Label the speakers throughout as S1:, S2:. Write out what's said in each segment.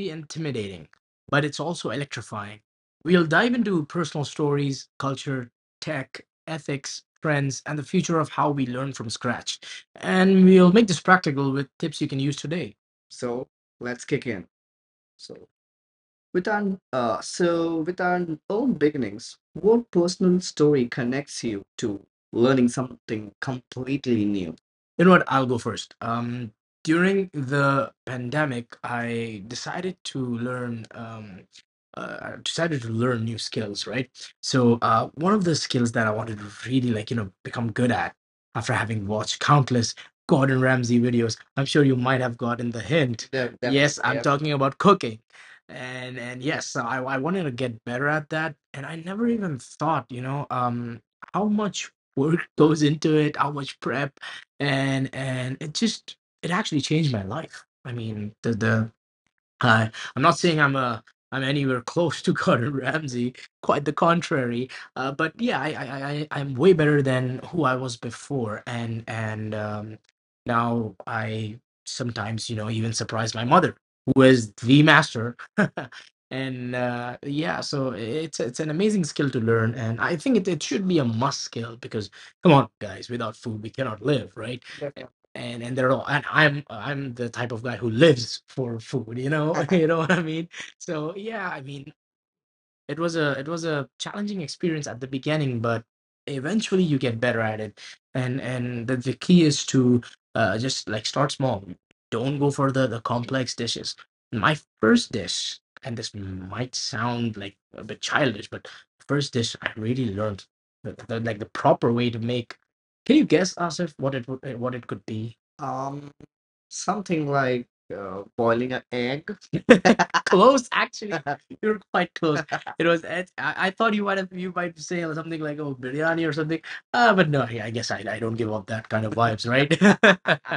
S1: be intimidating, but it's also electrifying. We'll dive into personal stories, culture, tech, ethics, trends, and the future of how we learn from scratch. And we'll make this practical with tips you can use today. So let's kick in. So. With our own beginnings, what personal story connects you to learning something completely new? You know what? I'll go first. During the pandemic, I decided to learn new skills, right? So one of the skills that I wanted to really, like, you know, become good at after having watched countless Gordon Ramsay videos. I'm sure you might have gotten the hint. Yes, definitely, I'm talking about cooking, and yes, so I wanted to get better at that, and I never even thought, you know, how much work goes into it, how much prep, and it just, it actually changed my life. I mean, I, I'm not saying I'm a I'm anywhere close to Gordon Ramsay. Quite the contrary. But yeah, I am way better than who I was before, and now I sometimes, you know, even surprise my mother, who is the master. and Yeah, so it's an amazing skill to learn, and I think it should be a must skill because, come on, guys, without food we cannot live, right? And they're all and I'm the type of guy who lives for food, you know, you know what I mean? So yeah, I mean, it was a challenging experience at the beginning, but eventually you get better at it, and the key is to just, like, start small. Don't go for the complex dishes. My first dish, and this might sound like a bit childish, but first dish I really learned the, like, the proper way to make, can you guess, Asif, what it would, what it could be? Um, Something like, boiling an egg. Close, actually. You were quite close. It was. I thought you might have. You might say something like, "Oh, biryani" or something. But no. Yeah, I guess I don't give off that kind of vibes, right?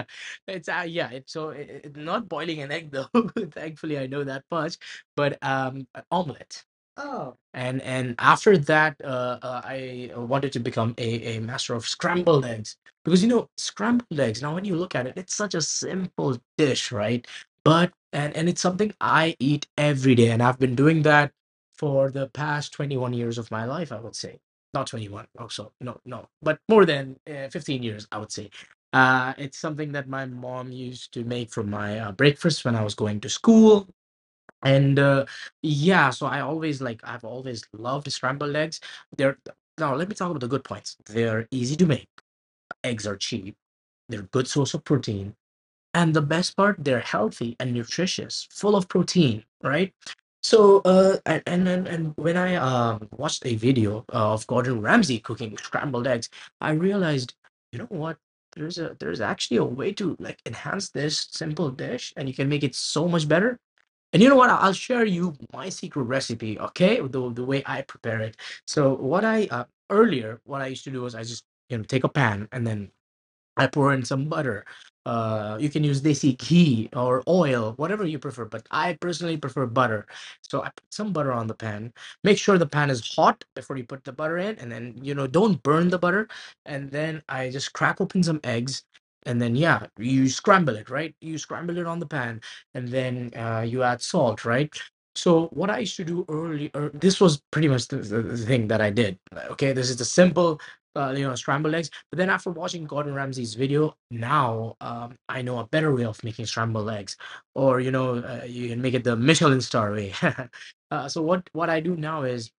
S1: it's yeah. It's so it- Not boiling an egg, though. Thankfully, I know that much. But an omelet. Oh. And after that, I wanted to become a master of scrambled eggs, because, you know, scrambled eggs. Now, when you look at it, it's such a simple dish, right? but and it's something I eat every day, and I've been doing that for the past 21 years of my life, I would say. Not 21 also, no no but more than 15 years, I would say. It's something that my mom used to make for my breakfast when I was going to school, and yeah, so I always like, I've always loved scrambled eggs. They're, now let me talk about the good points, they're easy to make, eggs are cheap, they're good source of protein, and the best part, they're healthy and nutritious, full of protein, right? So, and when I watched a video of Gordon Ramsay cooking scrambled eggs, I realized, you know what? There's actually a way to, like, enhance this simple dish, and you can make it so much better. And you know what? I'll share you my secret recipe, okay? The way I prepare it. So what I earlier, what I used to do was I just, you know, take a pan and then I pour in some butter. You can use desi ghee or oil, whatever you prefer. But I personally prefer butter, so I put some butter on the pan. Make sure the pan is hot before you put the butter in, and then, you know, don't burn the butter. And then I just crack open some eggs, and then yeah, you scramble it, right? You scramble it on the pan, and then you add salt, right? So what I used to do early, this was pretty much the, the thing that I did. Okay, this is the simple you know, scrambled eggs. But then after watching Gordon Ramsay's video, now I know a better way of making scrambled eggs, or, you know, you can make it the Michelin star way. So what I do now is,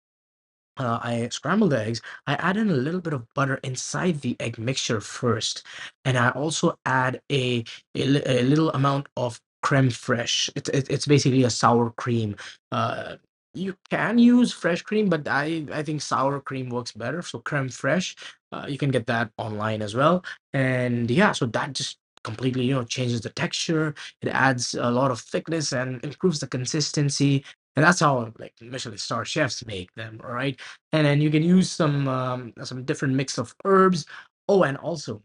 S1: I scrambled the eggs. I add in a little bit of butter inside the egg mixture first, and I also add a little amount of creme fraiche. It, it's basically a sour cream. Uh, you can use fresh cream, but I think sour cream works better. So creme fraiche, you can get that online as well. And yeah, so that just completely, you know, changes the texture. It adds a lot of thickness and improves the consistency. And that's how, like, Michelin star chefs make them, all right? And then you can use some different mix of herbs. Oh, and also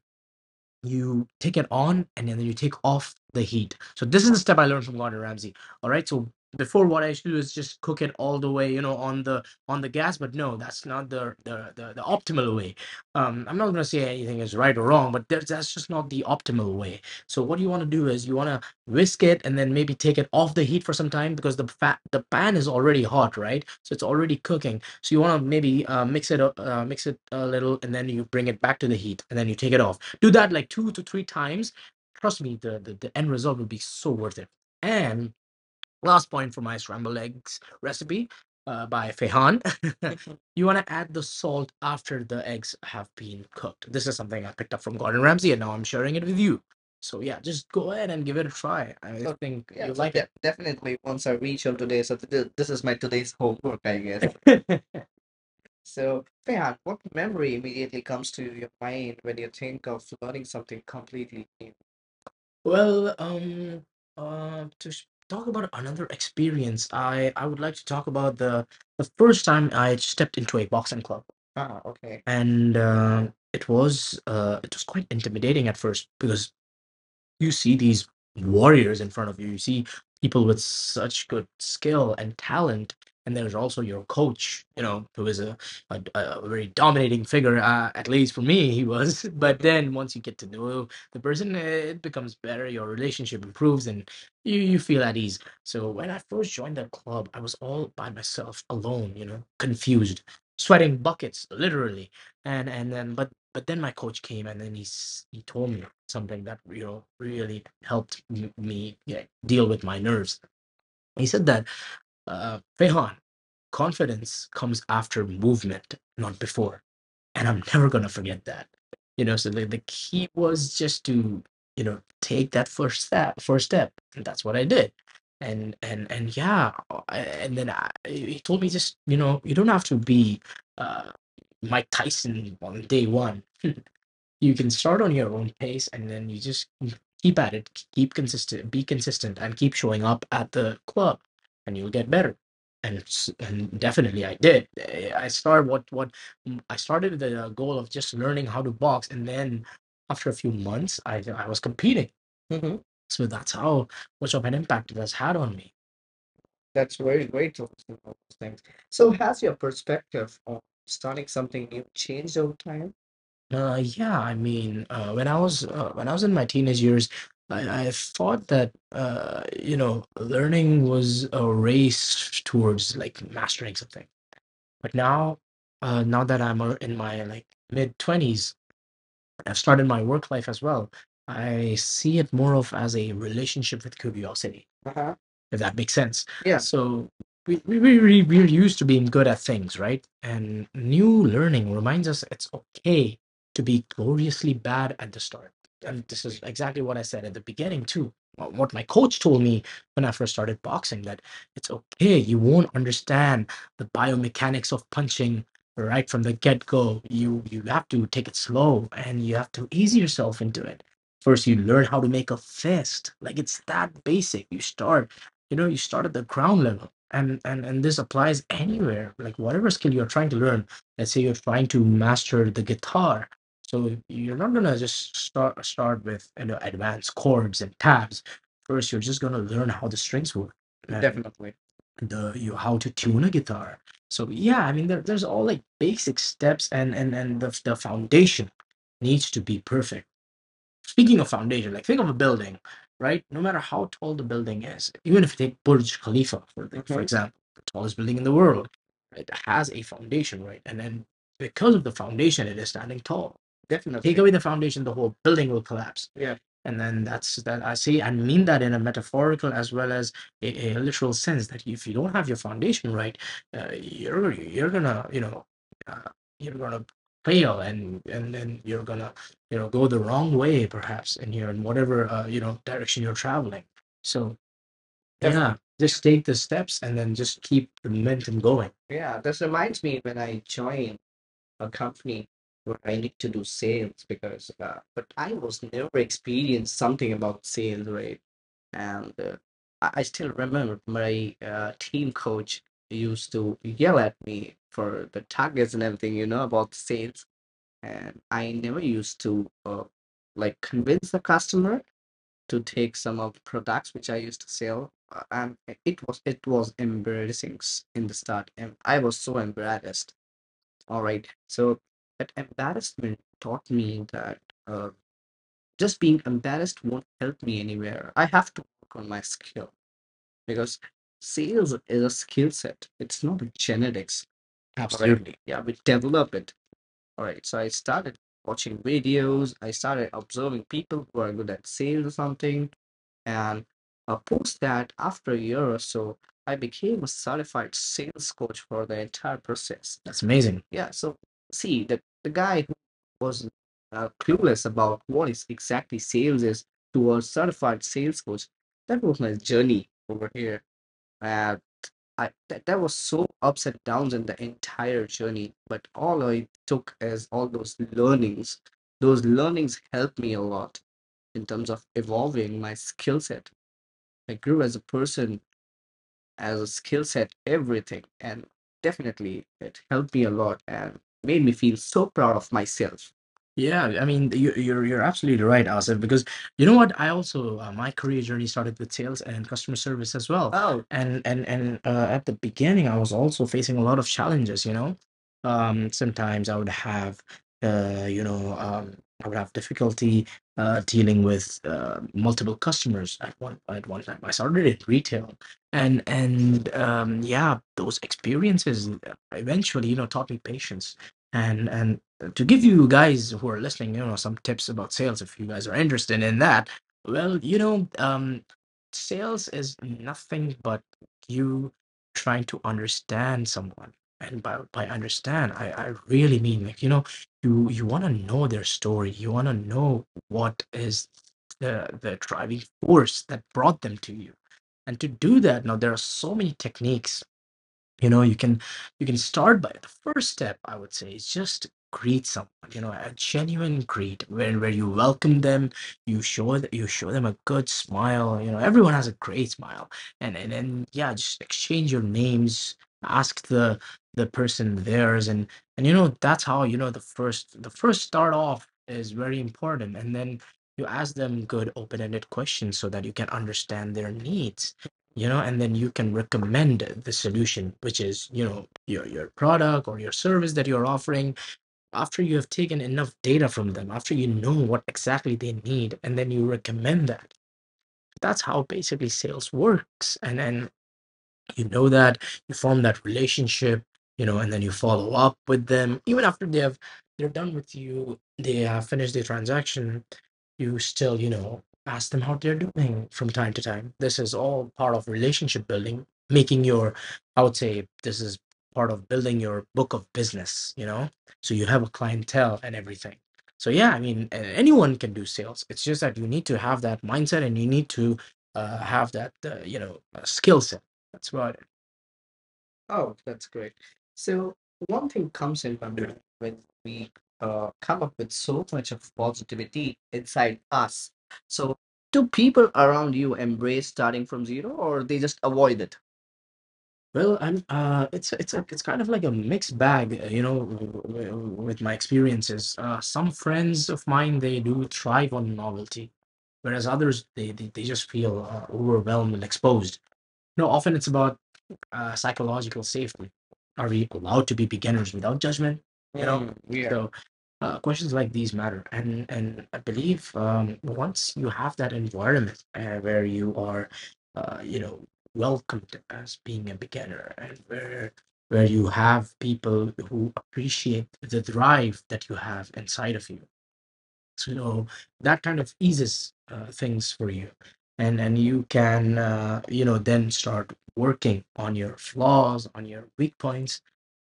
S1: you take it on, and then you take off the heat. So this is the step I learned from Gordon Ramsay, all right? So before what I used to do is just cook it all the way, you know, on the gas. But no, that's not the optimal way. I'm not going to say anything is right or wrong, but that's just not the optimal way. So what you want to do is you want to whisk it, and then maybe take it off the heat for some time, because the pan is already hot, right? So it's already cooking. So you want to maybe mix it up, mix it a little, and then you bring it back to the heat, and then you take it off. Do that like two to three times. Trust me, the end result will be so worth it. And last point for my scrambled eggs recipe, by Fehan, you want to add the salt after the eggs have been cooked. This is something I picked up from Gordon Ramsay, and now I'm sharing it with you. So yeah, just go ahead and give it a try. I So think yeah, you'll so like de- it. Definitely once I reach out today, so this is my today's homework, I guess. So, Fayad, what memory immediately comes to your mind when you think of learning something completely new? Well, to talk about another experience, I would like to talk about the first time I stepped into a boxing club. Ah, okay. And it was, it was quite intimidating at first, because you see these warriors in front of you, you see people with such good skill and talent, and there's also your coach, you know, who is a, a very dominating figure, at least for me he was. But then once you get to know the person, it becomes better, your relationship improves, and you feel at ease. So when I first joined the club, I was all by myself, alone, you know, confused, sweating buckets, literally. And then, but then my coach came, and then he he told me something that, you know, really helped me, yeah, deal with my nerves. He said that, Fehan, confidence comes after movement, not before. And I'm never gonna forget that. You know, so the key was just to, you know, take that first step, and that's what I did. And yeah, I- he told me, just, you know, you don't have to be, uh, Mike Tyson on day one. You can start on your own pace, and then you just, you keep at it, keep consistent, be consistent, and keep showing up at the club, and you'll get better. And definitely I did. I started I started with the goal of just learning how to box, and then after a few months, I was competing. Hmm. So that's how much of an impact it has had on me. That's very great to listen to all those things. So has your perspective on starting something new changed over time? Yeah, I mean, when I was when I was in my teenage years, I thought that learning was a race towards like mastering something. But now, now that I'm in my like mid twenties, I've started my work life as well. I see it more of as a relationship with curiosity. Uh-huh. If that makes sense. Yeah. So we're used to being good at things, right? And new learning reminds us it's okay to be gloriously bad at the start. And this is exactly what I said at the beginning, too. What my coach told me when I first started boxing, that it's okay, you won't understand the biomechanics of punching right from the get go. You have to take it slow and you have to ease yourself into it. First, you learn how to make a fist. Like it's that basic. You start, you know, you start at the ground level. And, and this applies anywhere, like whatever skill you're trying to learn. Let's say you're trying to master the guitar, so you're not gonna just start with, you know, advanced chords and tabs first. You're just gonna learn how the strings work and— Definitely. The you how to tune a guitar. So yeah, I mean there's all like basic steps, and and the foundation needs to be perfect. Speaking of foundation, like think of a building, right? No matter how tall the building is, even if you take Burj Khalifa for the, for hmm example, the tallest building in the world, it has a foundation, right? And then because of the foundation, it is standing tall. Take— Definitely. —away the foundation, the whole building will collapse. Yeah. And then that I see, and mean that in a metaphorical as well as a literal sense, that if you don't have your foundation right, you're gonna, you know, uh, you're gonna fail, and then you're gonna, you know, go the wrong way perhaps in— here in whatever direction you're traveling. So— Definitely. —yeah, just take the steps and then just keep the momentum going. Yeah, this reminds me when I joined a company where I need to do sales, because, but I was never experienced something about sales, right? And I still remember my team coach used to yell at me for the targets and everything, you know, about sales, and I never used to like convince the customer to take some of the products which I used to sell, and it was embarrassing in the start, and I was so embarrassed. All right, so that embarrassment taught me that uh, just being embarrassed won't help me anywhere. I have to work on my skill because sales is a skill set. It's not a genetics. All right. Absolutely. Yeah, we develop it. All right, so I started watching videos. I started observing people who are good at sales or something. And post that, after a year or so, I became a certified sales coach for the entire process. That's amazing. Yeah, so see, the guy who was clueless about what is exactly sales is to a certified sales coach, that was my journey over here. And I— that was so ups and downs in the entire journey, but all I took as all those learnings. Those learnings helped me a lot in terms of evolving my skill set. I grew as a person, as a skill set, everything. And definitely it helped me a lot and made me feel so proud of myself. Yeah, I mean, you're absolutely right, Asif, because you know what? I also my career journey started with sales and customer service as well. Oh, and at the beginning, I was also facing a lot of challenges. You know, sometimes I would have, uh, you know, um, I would have difficulty dealing with multiple customers at one time. I started in retail, and yeah, those experiences eventually, you know, taught me patience. And to give you guys who are listening, you know, some tips about sales, if you guys are interested in that, well, you know, sales is nothing but you trying to understand someone. And by understand, I really mean, like, you know, you want to know their story, you want to know what is the driving force that brought them to you. And to do that, now there are so many techniques, you know. You can, you can start by— the first step, I would say, is just greet someone, you know, a genuine greet where you welcome them, you show that— you show them a good smile, you know, everyone has a great smile. And then, yeah, just exchange your names, ask the person theirs. And you know, that's how— you know, the first start off is very important. And then you ask them good open-ended questions so that you can understand their needs, you know. And then you can recommend the solution, which is, you know, your product or your service that you're offering, after you have taken enough data from them, after you know what exactly they need. And then you recommend that. That's how basically sales works. And then you know that you form that relationship, you know. And then you follow up with them, even after they have— they're done with you, they have finished the transaction, you still, you know, ask them how they're doing from time to time. This is all part of relationship building, making your— I would say this is part of building your book of business, you know. So you have a clientele and everything. So yeah, I mean, anyone can do sales, it's just that you need to have that mindset, and you need to have that skill set. That's right. Oh, that's great. So one thing comes in my mind: when we come up with so much of positivity inside us, so do people around you embrace starting from zero, or they just avoid it? Well, I'm— it's a, it's kind of like a mixed bag, you know, with my experiences. Some friends of mine, they do thrive on novelty, whereas others, they just feel overwhelmed and exposed. You know, often it's about psychological safety. Are we allowed to be beginners without judgment? You know— Mm, yeah. —so questions like these matter, and I believe once you have that environment where you are, you know, welcomed as being a beginner, and where you have people who appreciate the drive that you have inside of you, so that kind of eases things for you, and you can you know, then start working on your flaws, on your weak points.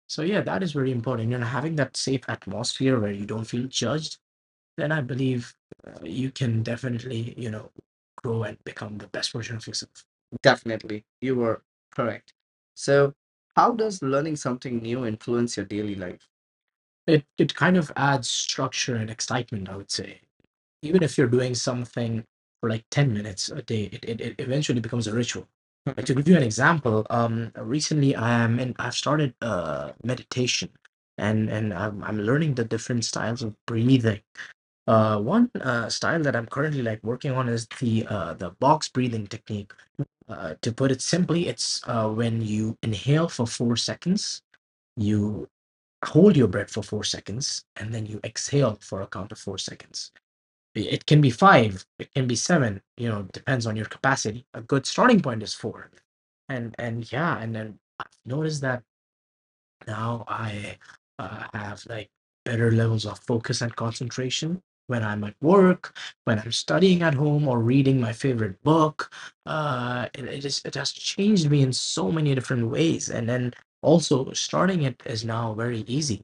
S1: So yeah, that is very important, and having that safe atmosphere where you don't feel judged, then I believe you can definitely, you know, grow and become the best version of yourself. Definitely, you were correct. So, how does learning something new influence your daily life? It kind of adds structure and excitement, I would say. Even if you're doing something for like 10 minutes a day, it eventually becomes a ritual. Like to give you an example, recently I am in— I've started meditation, and I'm learning the different styles of breathing. One style that I'm currently like working on is the box breathing technique. To put it simply, it's when you inhale for 4 seconds, you hold your breath for 4 seconds, and then you exhale for a count of 4 seconds. It can be 5, it can be 7. You know, depends on your capacity. A good starting point is 4. And yeah, and then I've noticed that now I have like better levels of focus and concentration when I'm at work, when I'm studying at home, or reading my favorite book. It has changed me in so many different ways. And then also, starting it is now very easy.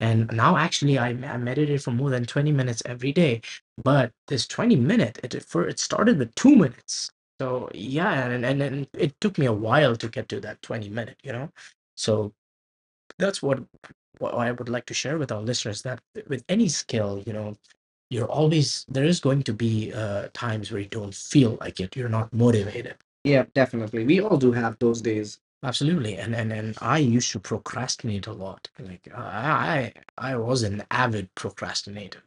S1: And now, actually, I meditate for more than 20 minutes every day. But this 20 minute, it started with 2 minutes. So, yeah, and it took me a while to get to that 20 minute, you know? So that's what I would like to share with our listeners, that with any skill, you know, you're always there is going to be times where you don't feel like it, you're not motivated. Yeah, definitely. We all do have those days. Absolutely, and I used to procrastinate a lot. Like I was an avid procrastinator,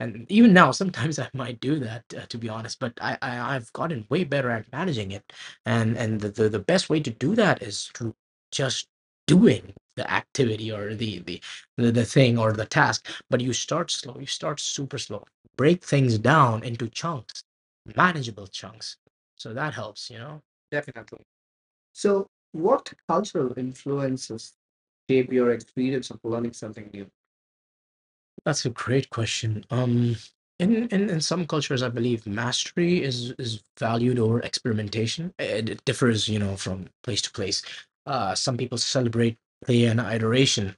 S1: and even now sometimes I might do that to be honest, but I've gotten way better at managing it, and the best way to do that is to just doing the activity, or the thing or the task. But you start slow, you start super slow, break things down into chunks, manageable chunks. So that helps, you know. Definitely. So, what cultural influences shape your experience of learning something new? That's a great question. In some cultures, I believe mastery is valued over experimentation. It differs, you know, from place to place. Some people celebrate play and iteration.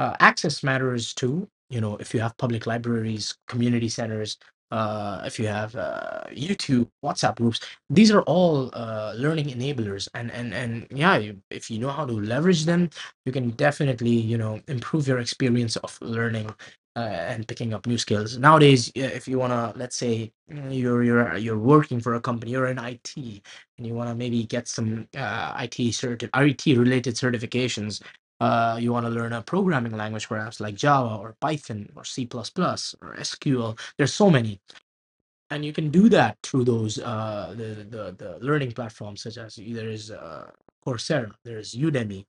S1: Access matters too. You know, if you have public libraries, community centers, if you have YouTube, WhatsApp groups, these are all learning enablers. And yeah, if you know how to leverage them, you can definitely, you know, improve your experience of learning and picking up new skills. Nowadays, yeah, if you wanna, let's say, you're working for a company, you're in IT, and you wanna maybe get some IT IT related certifications. You want to learn a programming language, perhaps like Java or Python or C++ plus plus or SQL. There's so many, and you can do that through those the learning platforms, such as there is Coursera, there is Udemy,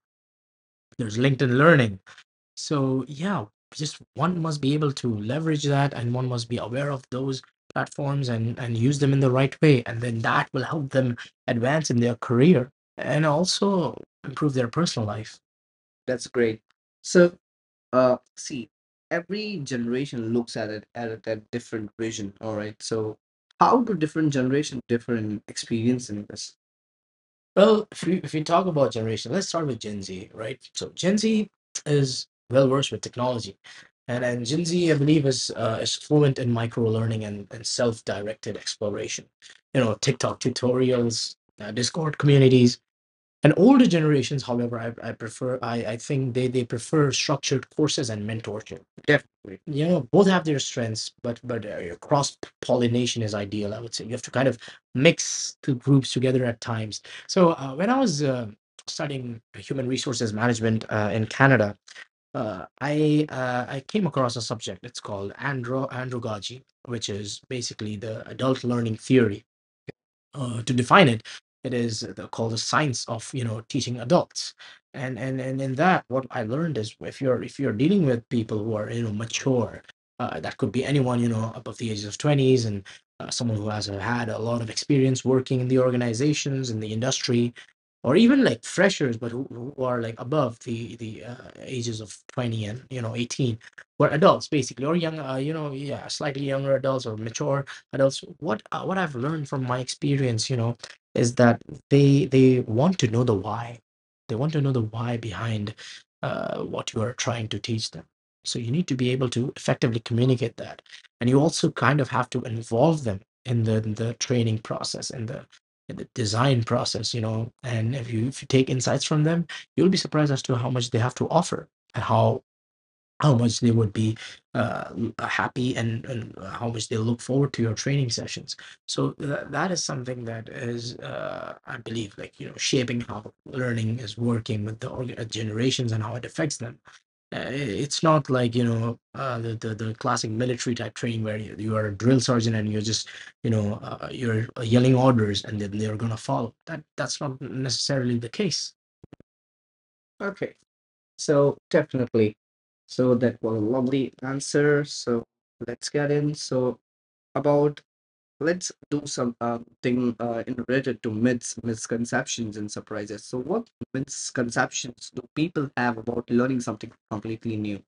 S1: there's LinkedIn Learning. So yeah, just one must be able to leverage that, and one must be aware of those platforms, and use them in the right way, and then that will help them advance in their career and also improve their personal life. That's great. So, see, every generation looks at it at different vision. All right. So, how do different generation differ in experiencing this? Well, if we talk about generation, let's start with Gen Z, right? So Gen Z is well versed with technology, and Gen Z, I believe, is fluent in micro learning and, self directed exploration. You know, TikTok tutorials, Discord communities. And older generations, however, I think they prefer structured courses and mentorship. Definitely. You know, both have their strengths, but cross pollination is ideal. I would say you have to kind of mix the groups together at times. So when I was studying human resources management in Canada, I came across a subject. It's called andro andragogy, which is basically the adult learning theory. To define it, it is called the science of, you know, teaching adults. And in that, what I learned is, if you're dealing with people who are, you know, mature, that could be anyone, you know, above the ages of twenties, and someone who has had a lot of experience working in the organizations in the industry, or even like freshers, but who are like above the ages of 20 and, you know, 18. Were adults basically, or young, you know, yeah, slightly younger adults or mature. And also, what I've learned from my experience, you know, is that they they want to know the why they want to know the why behind what you are trying to teach them. So you need to be able to effectively communicate that, and you also kind of have to involve them in the training process and the design process, you know. And if you take insights from them, you'll be surprised as to how much they have to offer, and how much they would be uh, happy, and how much they look forward to your training sessions. So that is something that is, I believe, like, you know, shaping how learning is working with the generations and how it affects them. It's not like, you know, the classic military type training where you are a drill sergeant and you're just, you know, you're yelling orders, and then they're gonna follow. That's not necessarily the case. So definitely. So that was a lovely answer. So let's get in. So about, let's do some thing in related to myths, misconceptions, and surprises. So what misconceptions do people have about learning something completely new?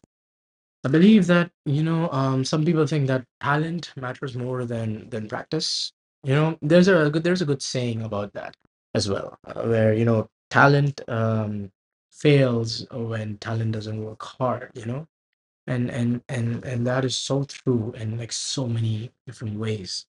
S1: I believe that, you know, some people think that talent matters more than practice. You know, there's a good, saying about that as well, where, you know, talent fails when talent doesn't work hard. You know, and that is so true in, like, so many different ways.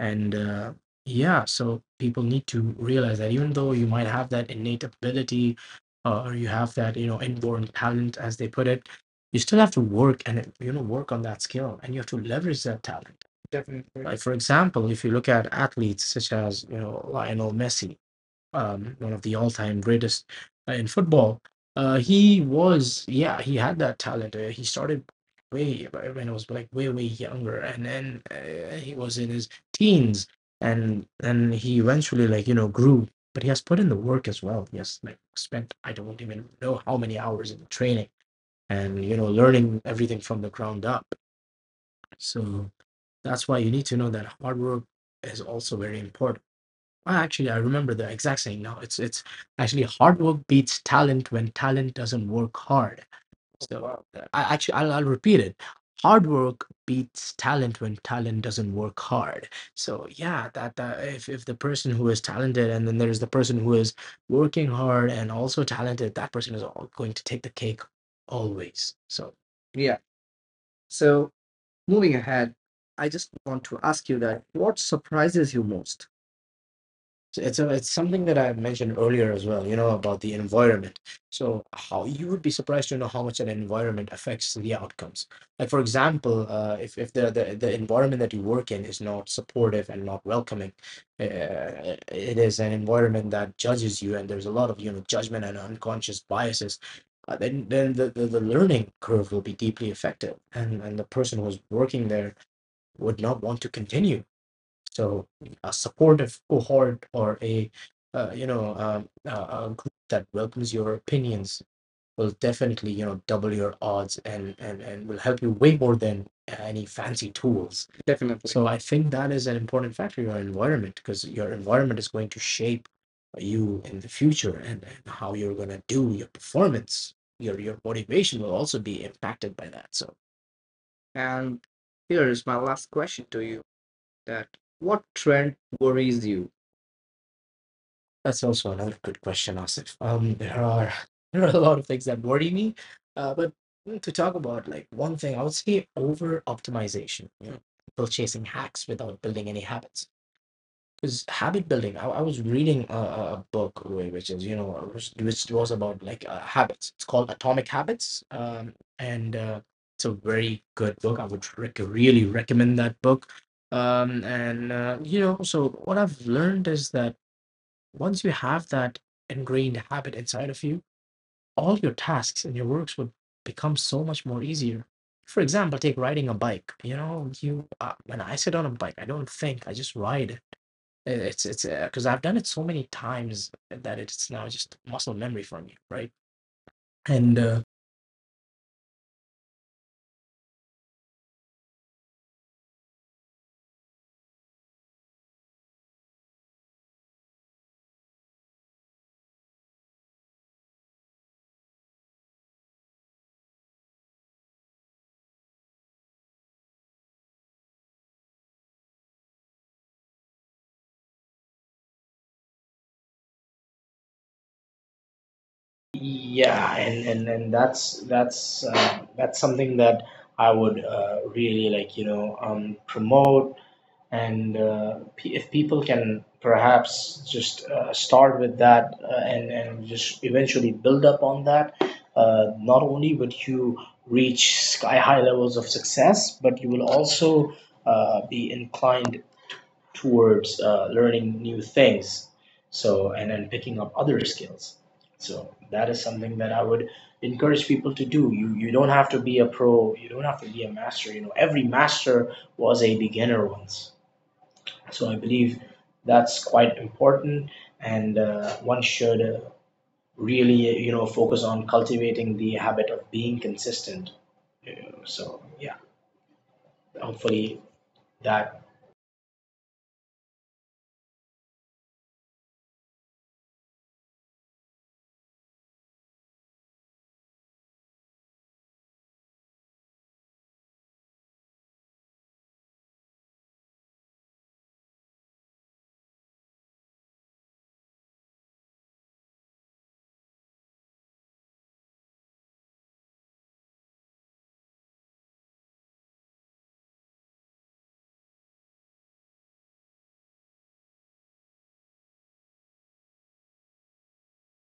S1: And yeah, so people need to realize that even though you might have that innate ability, or you have that, you know, inborn talent as they put it, you still have to work and, you know, work on that skill, and you have to leverage that talent. Definitely. Like, for example, if you look at athletes such as, you know, Lionel Messi, one of the all-time greatest in football. He was, yeah, he had that talent. He started way when I was like way way younger, and then he was in his teens, and he eventually, like, you know, grew. But he has put in the work as well. He has, like, spent, I don't even know how many hours in training and, you know, learning everything from the ground up. So that's why you need to know that hard work is also very important. Well, actually, I remember the exact saying now. It's actually, hard work beats talent when talent doesn't work hard. Oh, so wow. I actually, I'll repeat it. Hard work beats talent when talent doesn't work hard. So yeah, that if, the person who is talented, and then there's the person who is working hard and also talented, that person is all going to take the cake always. So yeah. So moving ahead, I just want to ask you that what surprises you most? So it's something that I mentioned earlier as well, you know, about the environment. So how, you would be surprised to know how much an environment affects the outcomes. Like, for example, if the, the environment that you work in is not supportive and not welcoming, uh, it is an environment that judges you, and there's a lot of, you know, judgment and unconscious biases. Then the learning curve will be deeply affected, and the person who's working there would not want to continue. So a supportive cohort, or a, you know, a group that welcomes your opinions, will definitely, you know, double your odds, and will help you way more than any fancy tools. Definitely. So I think that is an important factor, your environment, because your environment is going to shape you in the future, and, how you're going to do your performance. Your motivation will also be impacted by that. So. And here is my last question to you, that what trend worries you? That's also another good question, Asif. There are there are a lot of things that worry me, but to talk about, like, one thing, I would say over optimization. You know, people chasing hacks without building any habits. Because habit building, I was reading a, book, Roy, which is, you know, which was about, like, habits. It's called Atomic Habits. And it's a very good book. I would really recommend that book. And, you know, so what I've learned is that, once you have that ingrained habit inside of you, all your tasks and your works would become so much more easier. For example, take riding a bike. You know, you when I sit on a bike, I don't think, I just ride it. It's because I've done it so many times that it's now just muscle memory for me, right? And
S2: Yeah, and that's that's something that I would really, like, promote. And if people can perhaps just start with that and just eventually build up on that, not only would you reach sky high levels of success, but you will also be inclined towards learning new things, so and then picking up other skills. So that is something that I would encourage people to do. You don't have to be a pro. You don't have to be a master. You know, every master was a beginner once, so I believe that's quite important. And one should really, you know, focus on cultivating the habit of being consistent, so yeah, hopefully that